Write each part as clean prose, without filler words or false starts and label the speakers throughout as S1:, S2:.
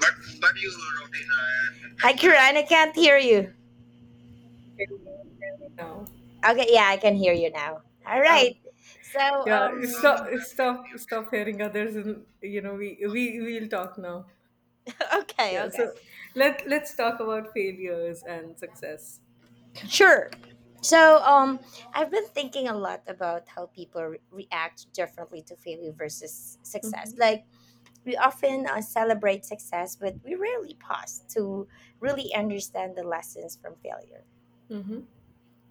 S1: But but you, Rowena. Hi, Kiran. I can't hear you.
S2: Now.
S1: Okay, yeah, I can hear you now. All
S2: Oh,
S1: right. So, you also
S2: yeah, stop,
S1: can
S2: stop,
S1: you
S2: stop hearing others, and you know we'll talk now.
S1: can okay,
S2: Yeah, so
S1: okay,
S2: let's talk about failures and success.
S1: sure. So, I've been thinking a lot about how people react differently to failure versus success. Like, we often celebrate success, but we rarely pause to really understand the lessons from failure.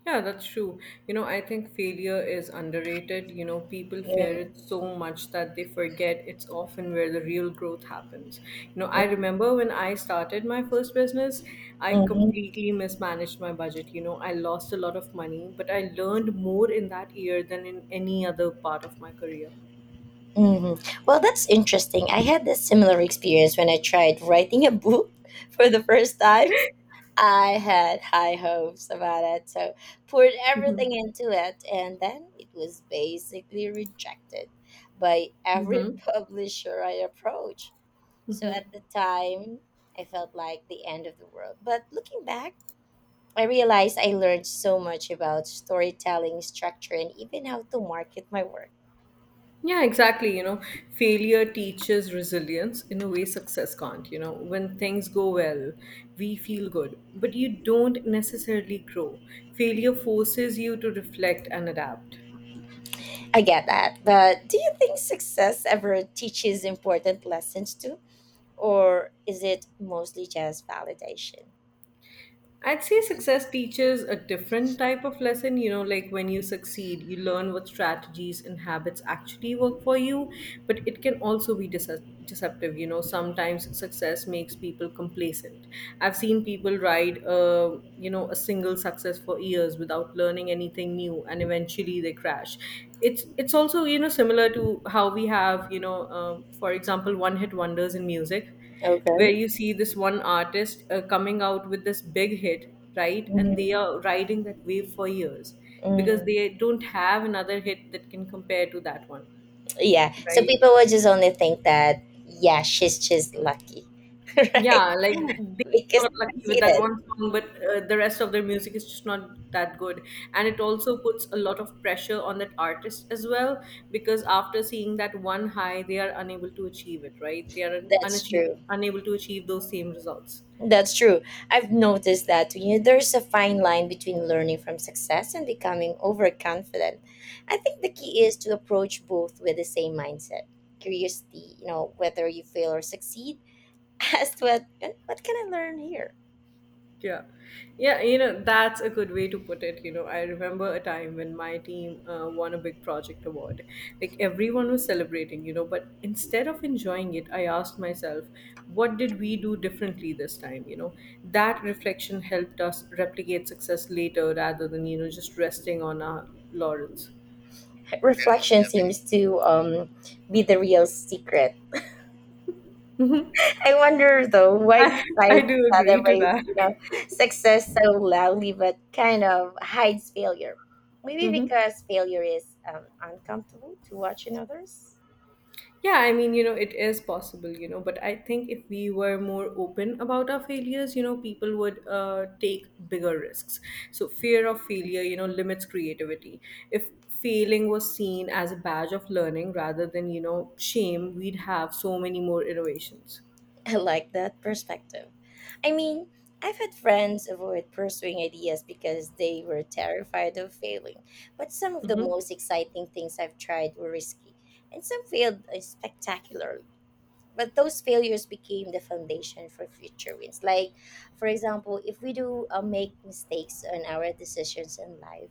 S2: Yeah, that's true. You know, I think failure is underrated. You know, people fear it
S1: Mm-hmm.
S2: so much that they forget it's often where the real growth happens. You know, I remember when I started my first business, I
S1: Mm-hmm.
S2: completely mismanaged my budget. You know, I lost a lot of money, but I learned more in that year than in any other part of my career.
S1: Hmm. Well, that's interesting. I had a similar experience when I tried writing a book for the first time. I had high hopes about it, so poured everything into it, and then it was basically rejected by every publisher I approached. So at the time, I felt like the end of the world. But looking back, I realized I learned so much about storytelling, structure, and even how to market my work.
S2: Yeah, exactly. You know, failure teaches resilience in a way success can't. You know, when things go well, we feel good, but you don't necessarily grow. Failure forces you to reflect and adapt.
S1: I get that. But do you think success ever teaches important lessons too? Or is it mostly just validation?
S2: I'd say success teaches a different type of lesson. You know, like when you succeed, you learn what strategies and habits actually work for you, but it can also be deceptive. You know, sometimes success makes people complacent. I've seen people ride, you know, a single success for years without learning anything new, and eventually they crash. It's also, you know, similar to how we have, you know, for example, one hit wonders in music, where
S1: Okay.
S2: you see this one artist coming out with this big hit, right? And they
S1: Mhm.
S2: are riding that wave for years because
S1: Mhm.
S2: they don't have another hit that can compare to that one,
S1: Yeah. So
S2: right?
S1: people will just only think that, yeah, she's just lucky, right?
S2: Yeah, like they
S1: Because
S2: got
S1: they
S2: lucky with
S1: see
S2: that
S1: that.
S2: one song, but the rest of their music is just not that good. And it also puts a lot of pressure on that artist as well, because after seeing that one high, they are unable to achieve it, right? They are
S1: That's true.
S2: unable to achieve those same results.
S1: That's true. I've noticed that, there's a fine line between learning from success and becoming overconfident. I think the key is to approach both with the same mindset. Curiosity, whether you fail or succeed, ask what can I learn here?
S2: Yeah. Yeah, you know, that's a good way to put it. You know, I remember a time when my team won a big project award. Like, everyone was celebrating, you know, but instead of enjoying it, I asked myself, what did we do differently this time? You know, that reflection helped us replicate success later rather than, you know, just resting on our laurels.
S1: Reflection seems to be the real secret. I wonder though why
S2: I, I
S1: side
S2: do agree to
S1: celebrates
S2: that.
S1: success so loudly but kind of hides failure. Maybe
S2: Hmm.
S1: because failure is uncomfortable to watch in others.
S2: Yeah, I mean, you know, it is possible, you know, but I think if we were more open about our failures, you know, people would take bigger risks. So, fear of failure, you know, limits creativity. If failing was seen as a badge of learning rather than, you know, shame, we'd have so many more innovations.
S1: I like that perspective. I mean, I've had friends avoid pursuing ideas because they were terrified of failing. But some of the
S2: Mm-hmm.
S1: most exciting things I've tried were risky, and some failed spectacularly. But those failures became the foundation for future wins. Like, for example, if we do make mistakes on our decisions in life,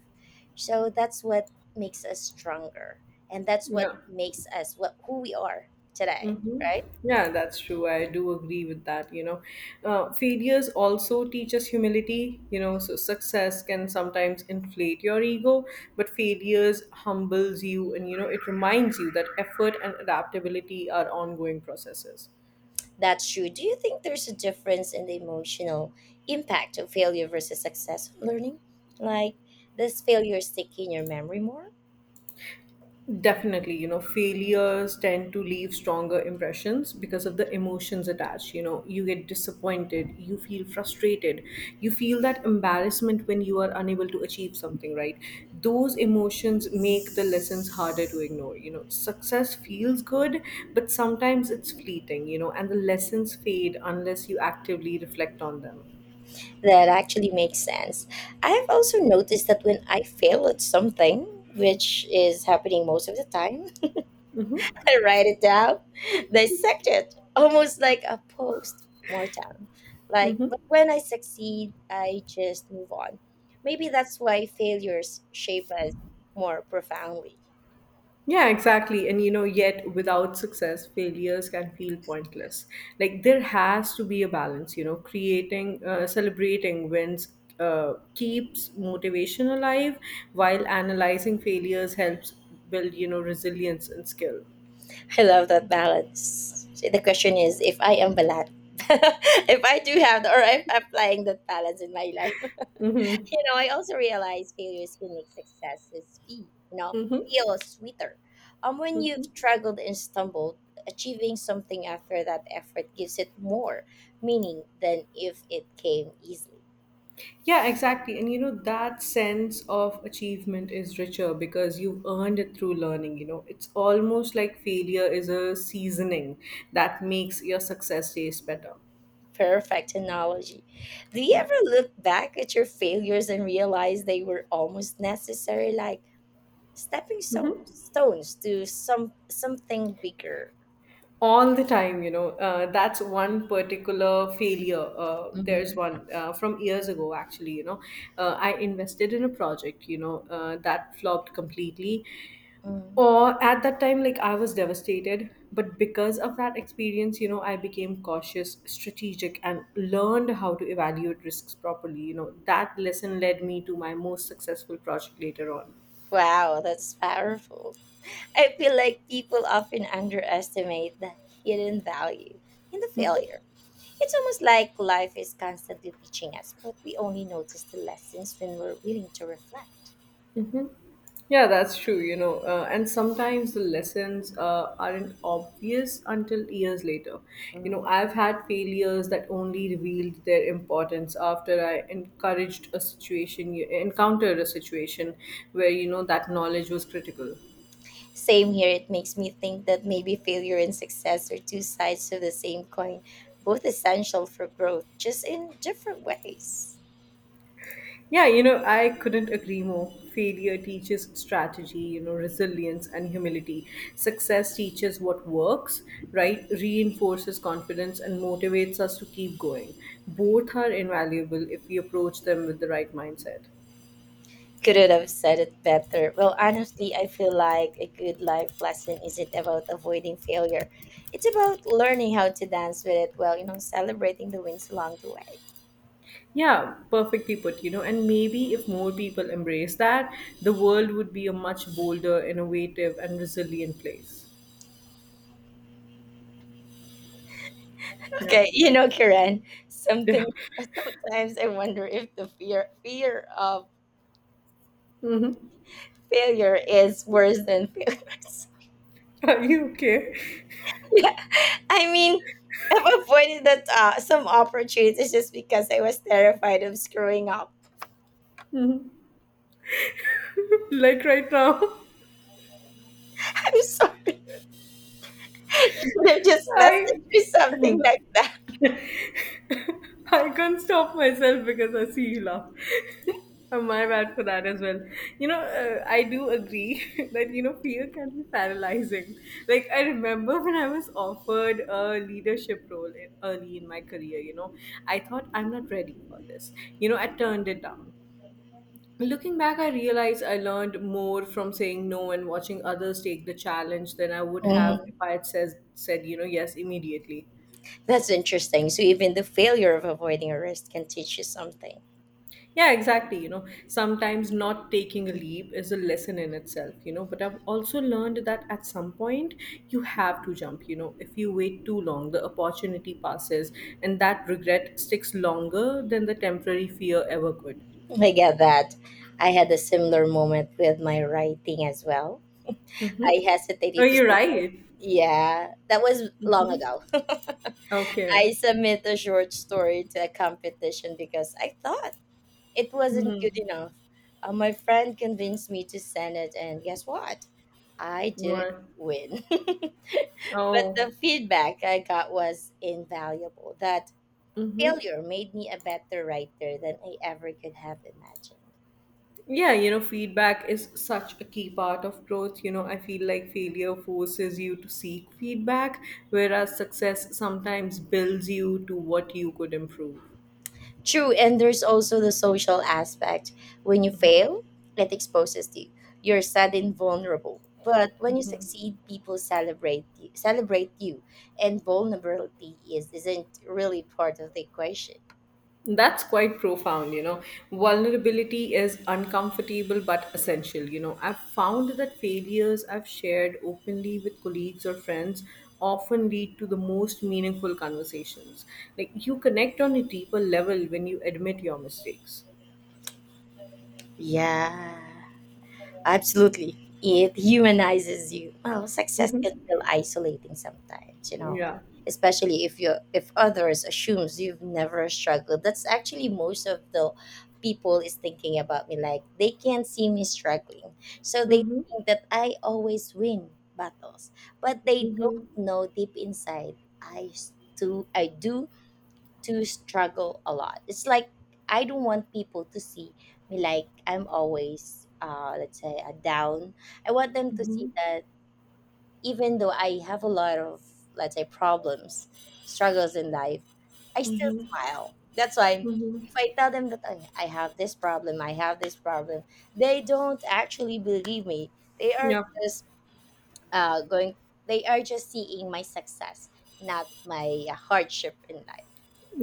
S1: so that's what makes us stronger, and that's what
S2: Yeah.
S1: makes us what who we are today,
S2: Mm-hmm.
S1: right?
S2: Yeah, that's true. I do agree with that. You know, failures also teach us humility. You know, so success can sometimes inflate your ego, but failures humbles you, and you know, it reminds you that effort and adaptability are ongoing processes.
S1: That's true. Do you think there's a difference in the emotional impact of failure versus success learning? Like, does failure stick in your memory more?
S2: Definitely, you know, failures tend to leave stronger impressions because of the emotions attached. You know, you get disappointed, you feel frustrated, you feel that embarrassment when you are unable to achieve something, right? Those emotions make the lessons harder to ignore. You know, success feels good, but sometimes it's fleeting, you know, and the lessons fade unless you actively reflect on them.
S1: That actually makes sense. I have also noticed that when I fail at something, which is happening most of the time, I write it down, dissect it, almost like a post mortem. Like, but when I succeed, I just move on. Maybe that's why failures shape us more profoundly.
S2: Yeah, exactly. And you know, yet without success, failures can feel pointless. Like, there has to be a balance, you know, celebrating wins keeps motivation alive while analyzing failures helps build, you know, resilience and skill.
S1: I love that balance. See, the question is if I am balanced, if I do have or if I'm applying that balance in my life. You know, I also realize failures can make successes feel, you know,
S2: Mm-hmm.
S1: feel sweeter. When you've struggled and stumbled, achieving something after that effort gives it more meaning than if it came easily.
S2: Yeah, exactly. And you know, that sense of achievement is richer because you've earned it through learning. You know, it's almost like failure is a seasoning that makes your success taste better.
S1: Perfect analogy. Do you
S2: Yeah.
S1: ever look back at your failures and realize they were almost necessary? Like, stepping stones to something bigger.
S2: All the time, you know. That's one particular failure. There's
S1: Hmm.
S2: one from years ago, actually, you know. I invested in a project, you know, that flopped completely.
S1: Mm.
S2: Or at that time, like, I was devastated, but because of that experience, you know, I became cautious, strategic, and learned how to evaluate risks properly. You know, that lesson led me to my most successful project later on.
S1: Wow, that's powerful. I feel like people often underestimate the hidden value in the failure. It's almost like life is constantly teaching us, but we only notice the lessons when we're willing to reflect.
S2: Yeah, that's true, you know. And sometimes the lessons aren't obvious until years later. You know,
S1: Mm.
S2: I've had failures that only revealed their importance after I encountered a situation where, you know, that knowledge was critical.
S1: Same here, it makes me think that maybe failure and success are two sides of the same coin, both essential for growth, just in different ways.
S2: Yeah, you know, I couldn't agree more. Failure teaches strategy, you know, resilience and humility. Success teaches what works, right? Reinforces confidence and motivates us to keep going. Both are invaluable if we approach them with the right mindset.
S1: Couldn't have said it better. Well, honestly, I feel like a good life lesson isn't about avoiding failure. It's about learning how to dance with it while celebrating the wins along the way.
S2: Yeah, perfectly put, you know, and maybe if more people embrace that, the world would be a much bolder, innovative, and resilient place. Yeah.
S1: Okay, Karen,
S2: Yeah.
S1: something sometimes I wonder if the fear of
S2: Hmm.
S1: failure is worse than failures.
S2: Are you okay?
S1: Yeah, I mean, I've avoided that some opportunities just because I was terrified of screwing up.
S2: Hmm. Like, right now?
S1: I'm sorry, I should have just
S2: I.
S1: messaged me something
S2: Hmm.
S1: like
S2: I can't stop myself because I see you laugh. My bad for that as well. You know, I do agree that, you know, fear can be paralyzing. Like, I remember when I was offered a leadership role early in my career, you know, I thought, I'm not ready for this. You know, I turned it down. Looking back, I realized I learned more from saying no and watching others take the challenge than I would have
S1: that.
S2: if I had said, you know, yes immediately.
S1: That's interesting. So even the failure of avoiding arrest can teach you something.
S2: Yeah, exactly. You know, sometimes not taking a leap is a lesson in itself, you know. But I've also learned that at some point you have to jump, you know. If you wait too long, the opportunity passes, and that regret sticks longer than the temporary fear ever could.
S1: I get that. I had a similar moment with my writing as well.
S2: Mm-hmm.
S1: I
S2: Oh,
S1: hesitated to
S2: you're
S1: submit.
S2: right.
S1: Yeah, that was long
S2: Mm-hmm.
S1: ago.
S2: Okay.
S1: I submit a short story to a competition because I thought it wasn't
S2: Mm-hmm.
S1: good enough. My friend convinced me to send it, and guess what? I didn't
S2: Right.
S1: win. But the
S2: Oh.
S1: feedback I got was invaluable. That
S2: Mm-hmm.
S1: Failure made me a better writer than I ever could have imagined.
S2: Yeah, you know, feedback is such a key part of growth. You know, I feel like failure forces you to seek feedback, whereas success sometimes builds you to what you could improve.
S1: True, and there's also the social aspect. When you fail, it exposes you. You're sad and vulnerable. But when you succeed, people celebrate you, and vulnerability is isn't really part of the equation.
S2: That's quite profound, you know. Vulnerability is uncomfortable but essential. You know, I've found that failures I've shared openly with colleagues or friends often lead to the most meaningful conversations. Like, you connect on a deeper level when you admit your mistakes.
S1: Yeah. Absolutely. It humanizes you. Well, success
S2: Hmm.
S1: can feel isolating sometimes
S2: Yeah.
S1: especially if others assumes you've never struggled. That's actually most of the people is thinking about me, like, they can't see me struggling. So they
S2: Mhm,
S1: think that I always win battles, but they don't
S2: mhm,
S1: know deep inside do I do to struggle a lot. It's like I don't want people to see me, like, I'm always, let's say, a down. I want them to see
S2: mhm,
S1: that even though I have a lot of, let's say, problems, struggles in life, I still
S2: mhm,
S1: smile. That's why
S2: mhm.
S1: if I tell them that I have this problem, I have this problem, they don't actually believe me. They are
S2: Yeah.
S1: just uh, going seeing my success, not my hardship in life.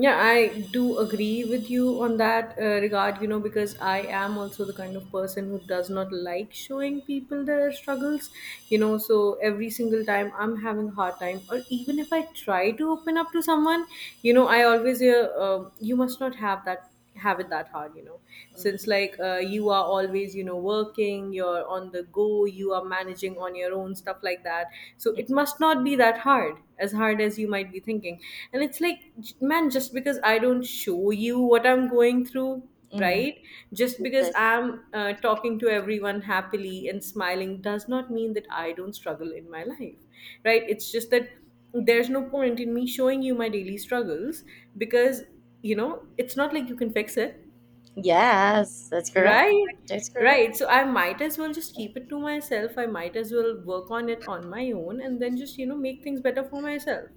S2: Yeah, I do agree with you on that regard, you know, because I am also the kind of person who does not like showing people their struggles. You know, so every single time I'm having a hard time, or even if I try to open up to someone, you know, I always hear, you must not have that have it that hard, you know,
S1: Mm,
S2: since, like, you are always, you know, working, you're on the go, you are managing on your own stuff like that, so
S1: mm,
S2: it must not be that hard as you might be thinking. And it's like, man, just because I don't show you what I'm going through,
S1: mm.
S2: right? Just
S1: It
S2: because
S1: does-
S2: I'm talking to everyone happily and smiling does not mean that I don't struggle in my life, right? It's just that there's no point in me showing you my daily struggles, because, you know, it's not like you can fix it,
S1: yes, that's correct.
S2: right?
S1: That's correct.
S2: Right. So I might as well just keep it to myself. I might as well work on it on my own, and then just, you know, make things better for myself,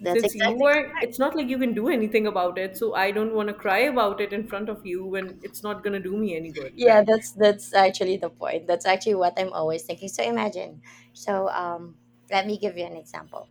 S1: That's
S2: since you
S1: exactly
S2: are, it's
S1: correct.
S2: not like you can do anything about it. So I don't want to cry about it in front of you when it's not going to do me any good,
S1: Yeah,
S2: right?
S1: that's actually the point. That's actually what I'm always thinking. So imagine, so, let me give you an example.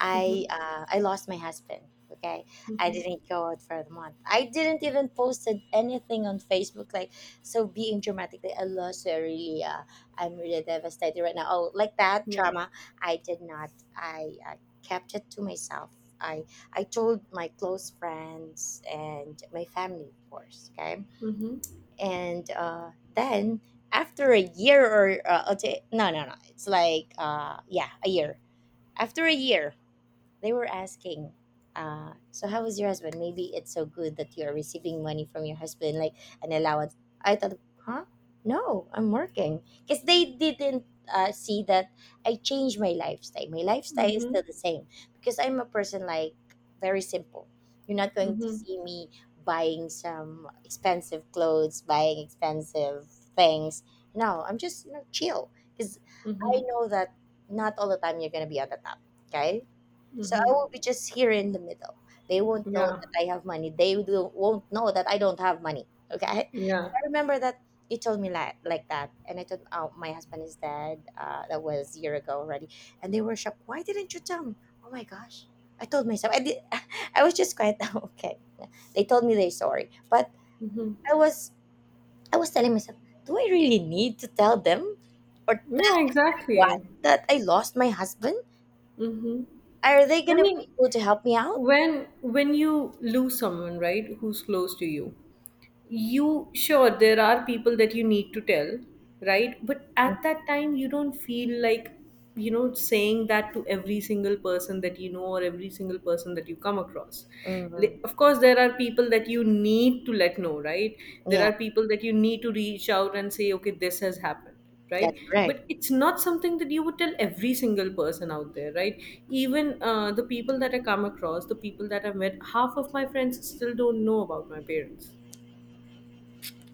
S1: i
S2: Mm-hmm.
S1: uh i lost my husband. Okay. I
S2: Mm-hmm.
S1: didn't go out for the month. I didn't even posted anything on Facebook, like, so being dramatic, like, I lost her, really, I'm really devastated right now, oh, like that
S2: Yeah.
S1: drama. I did not. I kept it to myself. I i told my close friends and my family, of course. Okay.
S2: Mm-hmm.
S1: And then, after a year, or no, no, no, it's like, yeah, a year. After a year they were asking, "So how is your husband? Maybe it's so good that you are receiving money from your husband, like an allowance." I thought, huh? No, I'm working, because they didn't see that I changed my lifestyle. My lifestyle is
S2: Mm-hmm.
S1: still the same, because I'm a person, like, very simple. You're not going to
S2: Mm-hmm.
S1: see me buying some expensive clothes, buying expensive things. No, I'm just, chill, because I
S2: Mm-hmm.
S1: know that not all the time you're going to be at the top. Okay. So I
S2: Mm-hmm.
S1: will be just here in the middle. They won't know
S2: Yeah.
S1: that I have money. They won't know that I don't have money. Okay.
S2: Yeah.
S1: I remember that you told me, like that. And I told, oh, my husband is dead. That was a year ago already. And they were shocked. Why didn't you tell me? Oh my gosh. I told myself. I did. I was just quite okay. They told me they're sorry. But
S2: Mm-hmm.
S1: I was I was telling myself, do I really need to tell them? Or tell
S2: Yeah,
S1: what?
S2: exactly.
S1: That I lost my husband?
S2: Hmm.
S1: Are they
S2: I
S1: gonna
S2: mean,
S1: be able to help me out?
S2: when you lose someone, right, who's close to you, you sure there are people that you need to tell, right? But at that time you don't feel like, you know, saying that to every single person that you know, or every single person that you come across.
S1: Mm-hmm.
S2: Of course, there are people that you need to let know, right? There
S1: Yeah,
S2: are people that you need to reach out and say, okay, this has happened, right?
S1: that's right.
S2: But it's not something that you would tell every single person out there, right? Even the people that I come across, the people that I met, half of my friends still don't know about my parents.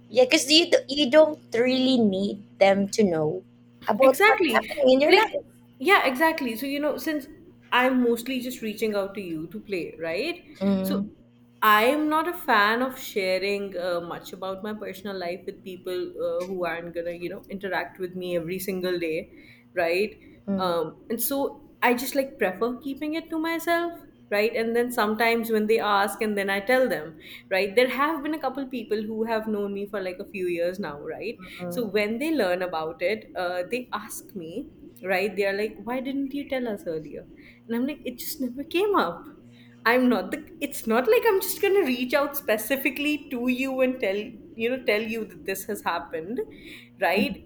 S1: Yeah, because you don't really need them to know about what's
S2: Exactly.
S1: happening in your
S2: Like,
S1: life.
S2: yeah, exactly. So, you know, since I'm mostly just reaching out to you to play, right? So,
S1: Mm-hmm.
S2: I'm not a fan of sharing much about my personal life with people who aren't gonna, you know, interact with me every single day, right? And so I just like prefer keeping it to myself, right? And then sometimes when they ask, and then I tell them, right? There have been a couple people who have known me for like a few years now, right? So
S1: Mm-hmm.
S2: when they learn about it, they ask me, right? They are like, why didn't you tell us earlier? And I'm like, it just never came up. I'm not the, it's not like I'm just going to reach out specifically to you and tell, tell you that this has happened, right?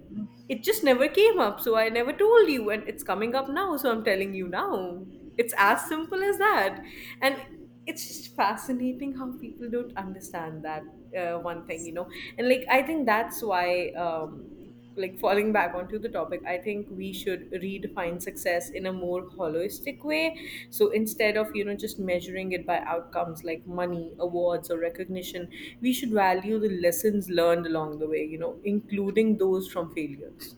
S2: It just never came up. So I never told you, and it's coming up now. So I'm telling you now. It's as simple as that. And it's just fascinating how people don't understand that one thing, and like I think that's why like, falling back onto the topic, I think we should redefine success in a more holistic way. So instead of just measuring it by outcomes like money, awards, or recognition, we should value the lessons learned along the way, including those from failures.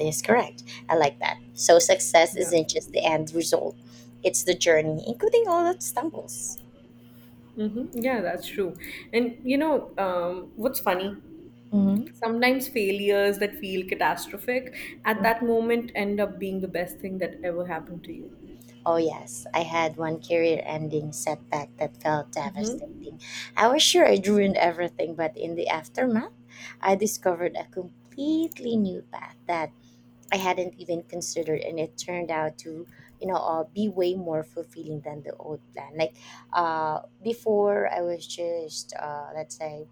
S1: Is correct. I like that. So success
S2: Yeah.
S1: isn't just the end result; it's the journey, including all the stumbles.
S2: Mm-hmm. Yeah, that's true. And you know, what's funny?
S1: Hmm.
S2: Sometimes failures that feel catastrophic at that moment end up being the best thing that ever happened to you.
S1: Oh yes, I had one career-ending setback that felt
S2: Mhm.
S1: devastating. I was sure I'd ruined everything, but in the aftermath, I discovered a completely new path that I hadn't even considered, and it turned out to, be way more fulfilling than the old plan. Like, before I was just, let's say,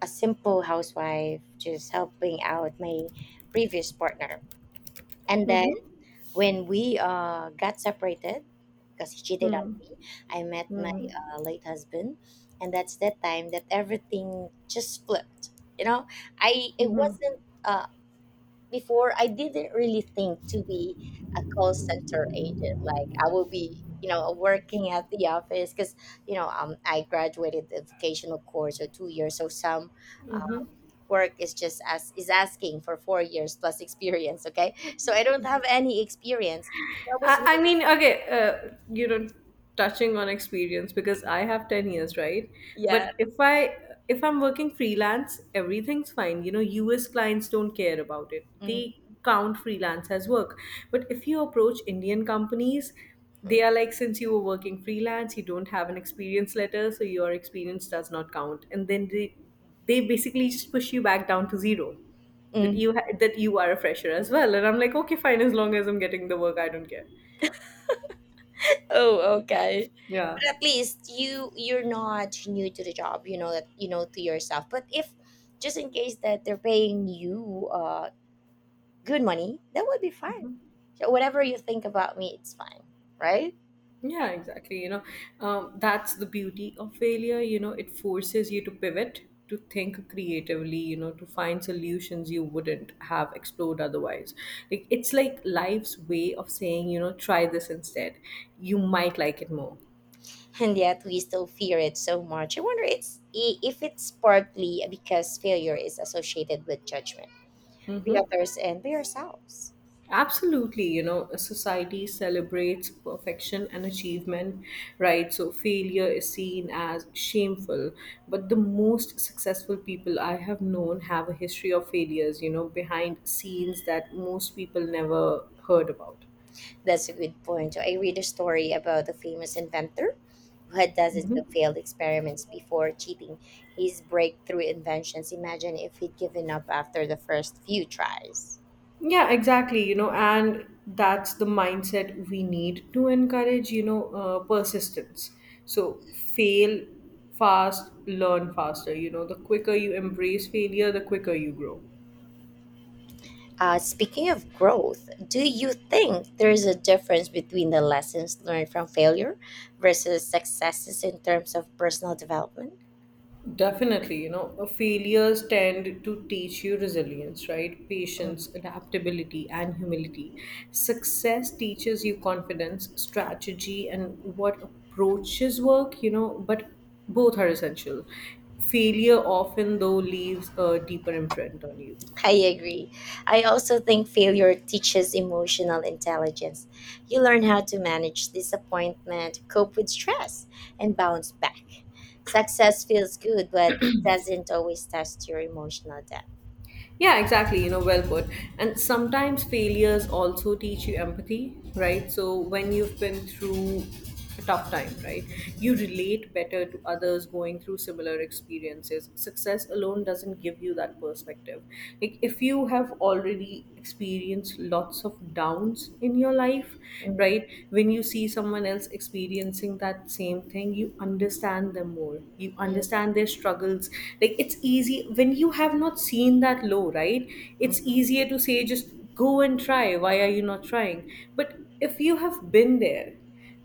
S1: a simple housewife, just helping out my previous partner. And then
S2: Mhm.
S1: when we got separated, because he cheated on
S2: Mhm.
S1: me, I met my
S2: Mhm.
S1: late husband, and that's the time that everything just flipped. You know, I it
S2: Mhm.
S1: wasn't. Before I didn't really think to be a call center agent. Like I will be, working at the office, because I graduated the vocational course or 2 years. So some uh, work is just as is asking for 4 years plus experience. Okay, so I don't have any experience. That
S2: I,
S1: was
S2: I
S1: really,
S2: mean, okay, you know, touching on experience because I have 10 years, right?
S1: yeah.
S2: But if I if I'm working freelance, everything's fine. You know, US clients don't care about it;
S1: Hmm.
S2: they count freelance as work. But if you approach Indian companies, they are like, since you were working freelance, you don't have an experience letter, so your experience does not count, and then they basically just push you back down to zero, that you are a fresher as well. And I'm like, okay, fine, as long as I'm getting the work, I don't care.
S1: Oh, okay.
S2: Yeah.
S1: But at least you're not new to the job. You know that, you know to yourself. But if just in case that they're paying you good money, that would be fine. So whatever you think about me, it's fine, right?
S2: Yeah, exactly. You know, that's the beauty of failure. You know, it forces you to pivot, to think creatively, you know, to find solutions you wouldn't have explored otherwise. Like, it's like life's way of saying, you know, try this instead. You might like it more.
S1: And yet we still fear it so much. I wonder if it's partly because failure is associated with judgment, by others and by ourselves.
S2: Absolutely, you know, a society celebrates perfection and achievement, right? So failure is seen as shameful. But the most successful people I have known have a history of failures, you know, behind scenes that most people never heard about.
S1: That's a good point. So, I read a story about a famous inventor who had dozens of
S2: Mhm.
S1: failed experiments before cheating his breakthrough inventions. Imagine if he'd given up after the first few tries.
S2: Yeah, exactly. You know, and that's the mindset we need to encourage, you know, persistence. So fail fast, learn faster. You know, the quicker you embrace failure, the quicker you grow.
S1: Speaking of growth, do you think there is a difference between the lessons learned from failure versus successes in terms of personal development?
S2: Definitely, you know, failures tend to teach you resilience, right? Patience, adaptability, and humility. Success teaches you confidence, strategy, and what approaches work, you know, but both are essential. Failure often, though, leaves a deeper imprint on you.
S1: I agree. I also think failure teaches emotional intelligence. You learn how to manage disappointment, cope with stress, and bounce back. Success feels good, but it doesn't always test your emotional depth.
S2: Yeah, exactly. You know, well put. And sometimes failures also teach you empathy, right? So when you've been through a tough time, right, you relate better to others going through similar experiences. Success alone doesn't give you that perspective. Like, if you have already experienced lots of downs in your life, right,
S1: Mhm,
S2: when you see someone else experiencing that same thing, you understand them more. You understand their struggles. Like, it's easy when you have not seen that low, right? It's
S1: mhm,
S2: easier to say, just go and try. Why are you not trying? But if you have been there,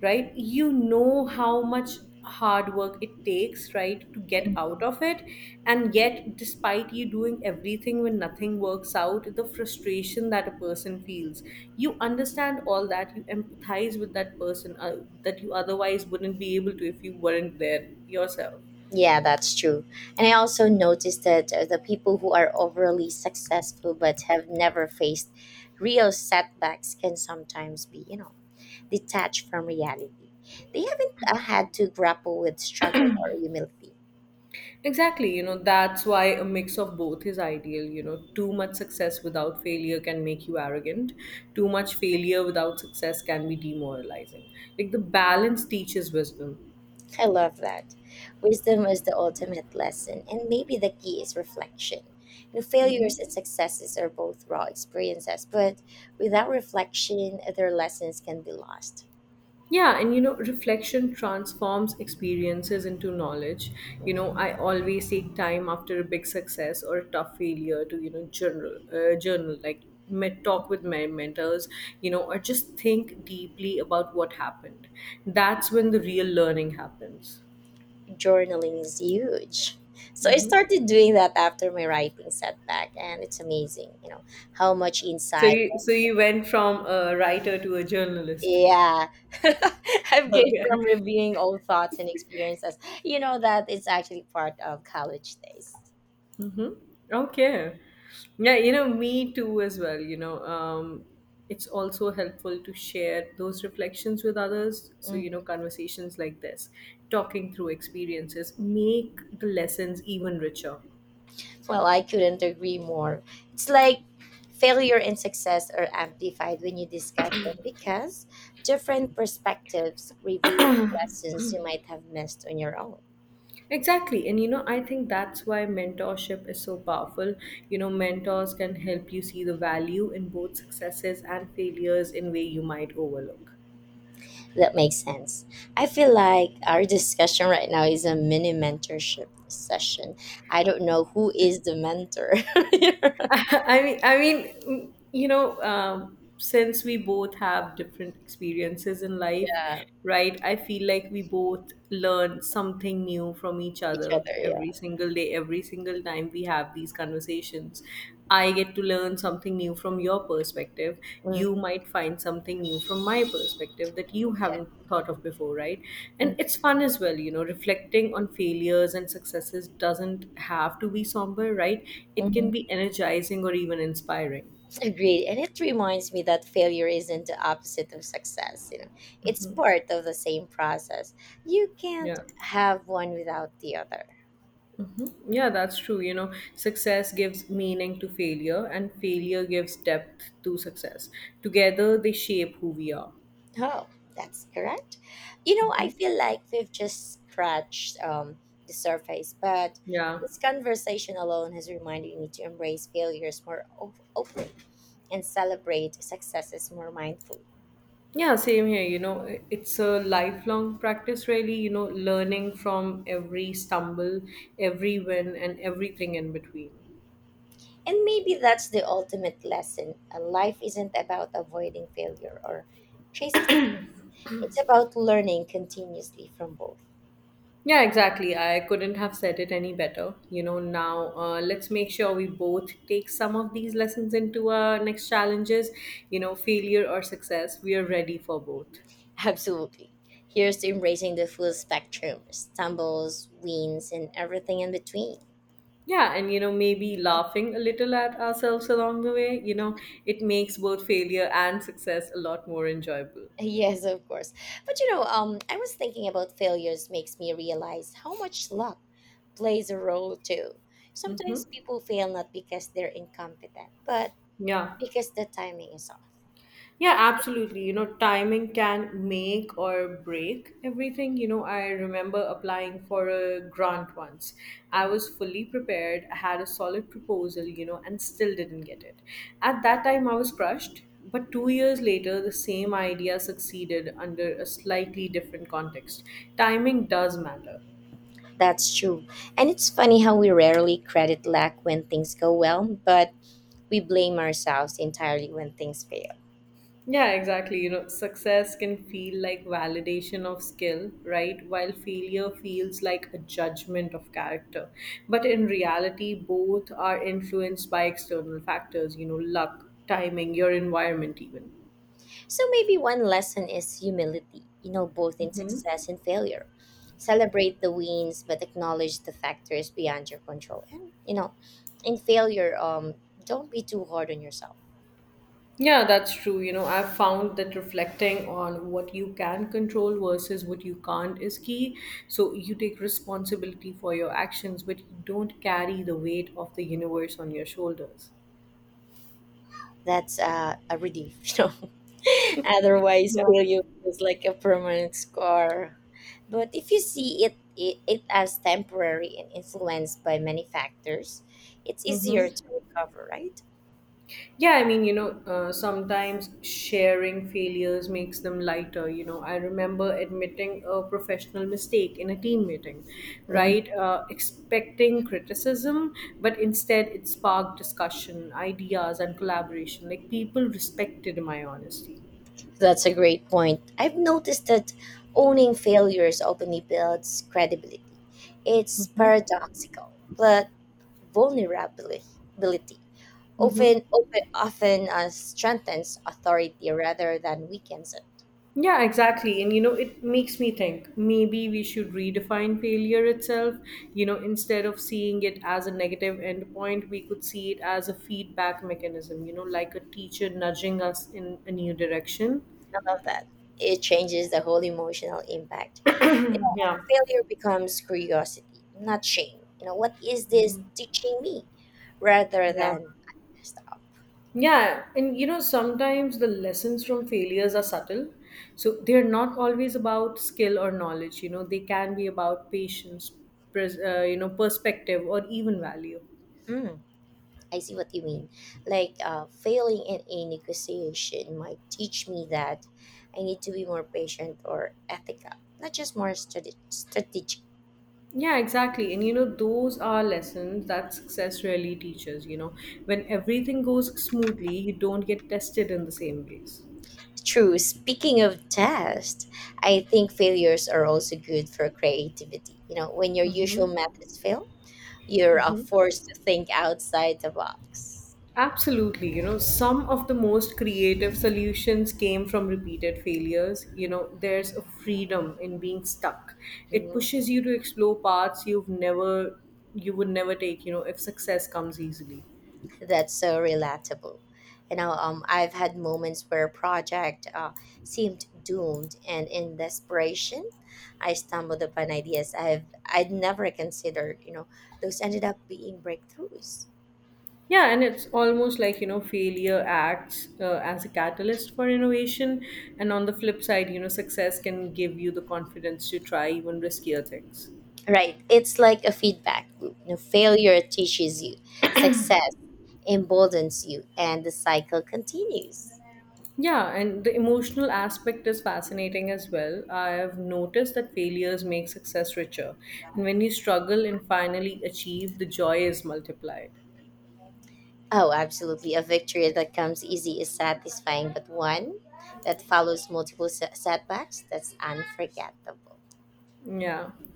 S2: right, you know how much hard work it takes, right, to get out of
S1: mhm.
S2: it. And yet, despite you doing everything when nothing works out, the frustration that a person feels, you understand all that, you empathize with that person that you otherwise wouldn't be able to if you weren't there yourself.
S1: Yeah, that's true. And I also noticed that the people who are overly successful but have never faced real setbacks can sometimes be, you know, detached from reality. They haven't had to grapple with struggle or humility.
S2: Exactly, you know, that's why a mix of both is ideal. You know, too much success without failure can make you arrogant. Too much failure without success can be demoralizing. Like, the balance teaches wisdom.
S1: I love that. Wisdom is the ultimate lesson, and maybe the key is reflection. You know,
S2: Hmm.
S1: failures and successes are both raw experiences, but without reflection, their lessons can be lost.
S2: Yeah, and you know, reflection transforms experiences into knowledge. You know,
S1: Mm.
S2: I always take time after a big success or a tough failure to, you know, journal, talk with my mentors, you know, or just think deeply about what happened. That's when the real learning happens.
S1: Journaling is huge. So I started doing that after my writing setback, and it's amazing, you know, how much
S2: So
S1: insight,
S2: you, so you went from a writer to a journalist.
S1: yeah, I've gained
S2: Okay.
S1: from reviewing old thoughts and experiences. You know that it's actually part of college days.
S2: Hmm. Okay. Yeah, you know, me too as well. You know, it's also helpful to share those reflections with others. So,
S1: Hmm.
S2: you know, conversations like this, talking through experiences, make the lessons even richer.
S1: Well, I couldn't agree more. It's like failure and success are amplified when you discuss them because different perspectives reveal lessons you might have missed on your own.
S2: Exactly. And, you know, I think that's why mentorship is so powerful. You know, mentors can help you see the value in both successes and failures in way you might overlook.
S1: That makes sense. I feel like our discussion right now is a mini mentorship session. I don't know who is the mentor.
S2: You know, since we both have different experiences in life,
S1: Yeah,
S2: right? I feel like we both learn something new from each
S1: each
S2: other
S1: other. Yeah.
S2: every single day, every single time we have these conversations. I get to learn something new from your perspective.
S1: Mm,
S2: You might find something new from my perspective that you
S1: yeah.
S2: haven't thought of before, right?
S1: Mm,
S2: And it's fun as well, you know, reflecting on failures and successes doesn't have to be somber, right? It can
S1: mhm.
S2: be energizing or even inspiring.
S1: Agreed. And it reminds me that failure isn't the opposite of success. You know, it's part of the same process. You can't
S2: Yeah.
S1: have one without the other.
S2: Yeah, that's true. You know, success gives meaning to failure, and failure gives depth to success. Together, they shape who we are.
S1: Oh, that's correct. You know, I feel like we've just scratched the surface, but
S2: Yeah.
S1: this conversation alone has reminded me to embrace failures more openly and celebrate successes more mindfully.
S2: Yeah, same here. You know, it's a lifelong practice, really, you know, learning from every stumble, every win, and everything in between.
S1: And maybe that's the ultimate lesson. Life isn't about avoiding failure or chasing, it's about learning continuously from both.
S2: Yeah, exactly. I couldn't have said it any better. You know, now let's make sure we both take some of these lessons into our next challenges, you know, failure or success. We are ready for both.
S1: Absolutely. Here's to embracing the full spectrum stumbles, wins, and everything in between.
S2: Yeah, and you know, maybe laughing a little at ourselves along the way, you know, it makes both failure and success a lot more enjoyable.
S1: Yes, of course. But you know, I was thinking about failures makes me realize how much luck plays a role too.
S2: Mm-hmm.
S1: Sometimes people fail not because they're incompetent, but
S2: Yeah.
S1: because the timing is off.
S2: Yeah, absolutely. You know, timing can make or break everything. You know, I remember applying for a grant once. I was
S1: Mhm.
S2: fully prepared, I had a solid proposal, you know, and still didn't get it. At that time, I was crushed. But 2 years later, the same idea succeeded under a slightly different context. Timing does matter.
S1: That's true. And it's funny how we rarely credit luck when things go well, but we blame ourselves entirely when things fail.
S2: Yeah, exactly. You know, success can feel like validation of skill, right? While failure feels like a judgment of character. But in reality, both are influenced by external factors, you know, luck, timing, your environment, even.
S1: So maybe one lesson is humility, you know, both in
S2: Hmm.
S1: success and failure. Celebrate the wins, but acknowledge the factors beyond your control. And, you know, in failure, don't be too hard on yourself.
S2: Yeah, that's true. You know, I've found that reflecting on what you can control versus what you can't is key. So you take responsibility for your actions, but you don't carry the weight of the universe on your shoulders.
S1: That's a relief, you know, otherwise
S2: Yeah.
S1: failure feels like a permanent scar, but if you see it as temporary and influenced by many factors, it's easier
S2: Mm-hmm.
S1: to recover, right?
S2: Yeah, I mean, you know, sometimes sharing failures makes them lighter. You know, I remember admitting a professional mistake in a team meeting,
S1: Mhm.
S2: right? Expecting criticism, but instead it sparked discussion, ideas, and collaboration. Like, people respected my honesty.
S1: That's a great point. I've noticed that owning failures openly builds credibility. It's
S2: Mm-hmm.
S1: paradoxical, but vulnerability,
S2: Mm-hmm.
S1: often open, often strengthens authority rather than weakens it.
S2: Yeah, exactly. And you know, it makes me think maybe we should redefine failure itself. You know, instead of seeing it as a negative endpoint, we could see it as a feedback mechanism, you know, like a teacher nudging us in a new direction.
S1: I love that. It changes the whole emotional impact. You know,
S2: Yeah,
S1: failure becomes curiosity, not shame. You know, what is this teaching me, rather
S2: yeah.
S1: than I messed up.
S2: Yeah, and you know, sometimes the lessons from failures are subtle. So they're not always about skill or knowledge, you know, they can be about patience, you know, perspective, or even value.
S1: Mm. I see what you mean. Like failing in a negotiation might teach me that I need to be more patient or ethical, not just more strategic.
S2: Yeah, exactly. And you know, those are lessons that success really teaches. You know, when everything goes smoothly, you don't get tested in the same ways.
S1: True. Speaking of tests, I think failures are also good for creativity. You know, when your usual
S2: Mm-hmm.
S1: methods fail, you're forced to think outside the box.
S2: Absolutely. You know, some of the most creative solutions came from repeated failures. You know, there's a freedom in being stuck. It
S1: Mm.
S2: pushes you to explore paths you've never, you would never take, you know, if success comes easily.
S1: That's so relatable. You know, I've had moments where a project seemed doomed, and in desperation, I stumbled upon ideas I'd never considered. You know, those ended up being breakthroughs.
S2: Yeah, and it's almost like, you know, failure acts as a catalyst for innovation. And on the flip side, you know, success can give you the confidence to try even riskier things.
S1: Right. It's like a feedback loop. You know, failure teaches you, success emboldens you, and the cycle continues.
S2: Yeah, and the emotional aspect is fascinating as well. I have noticed that failures make success richer. And when you struggle and finally achieve, the joy is multiplied.
S1: Oh, absolutely. A victory that comes easy is satisfying, but one that follows multiple setbacks, that's unforgettable.
S2: Yeah.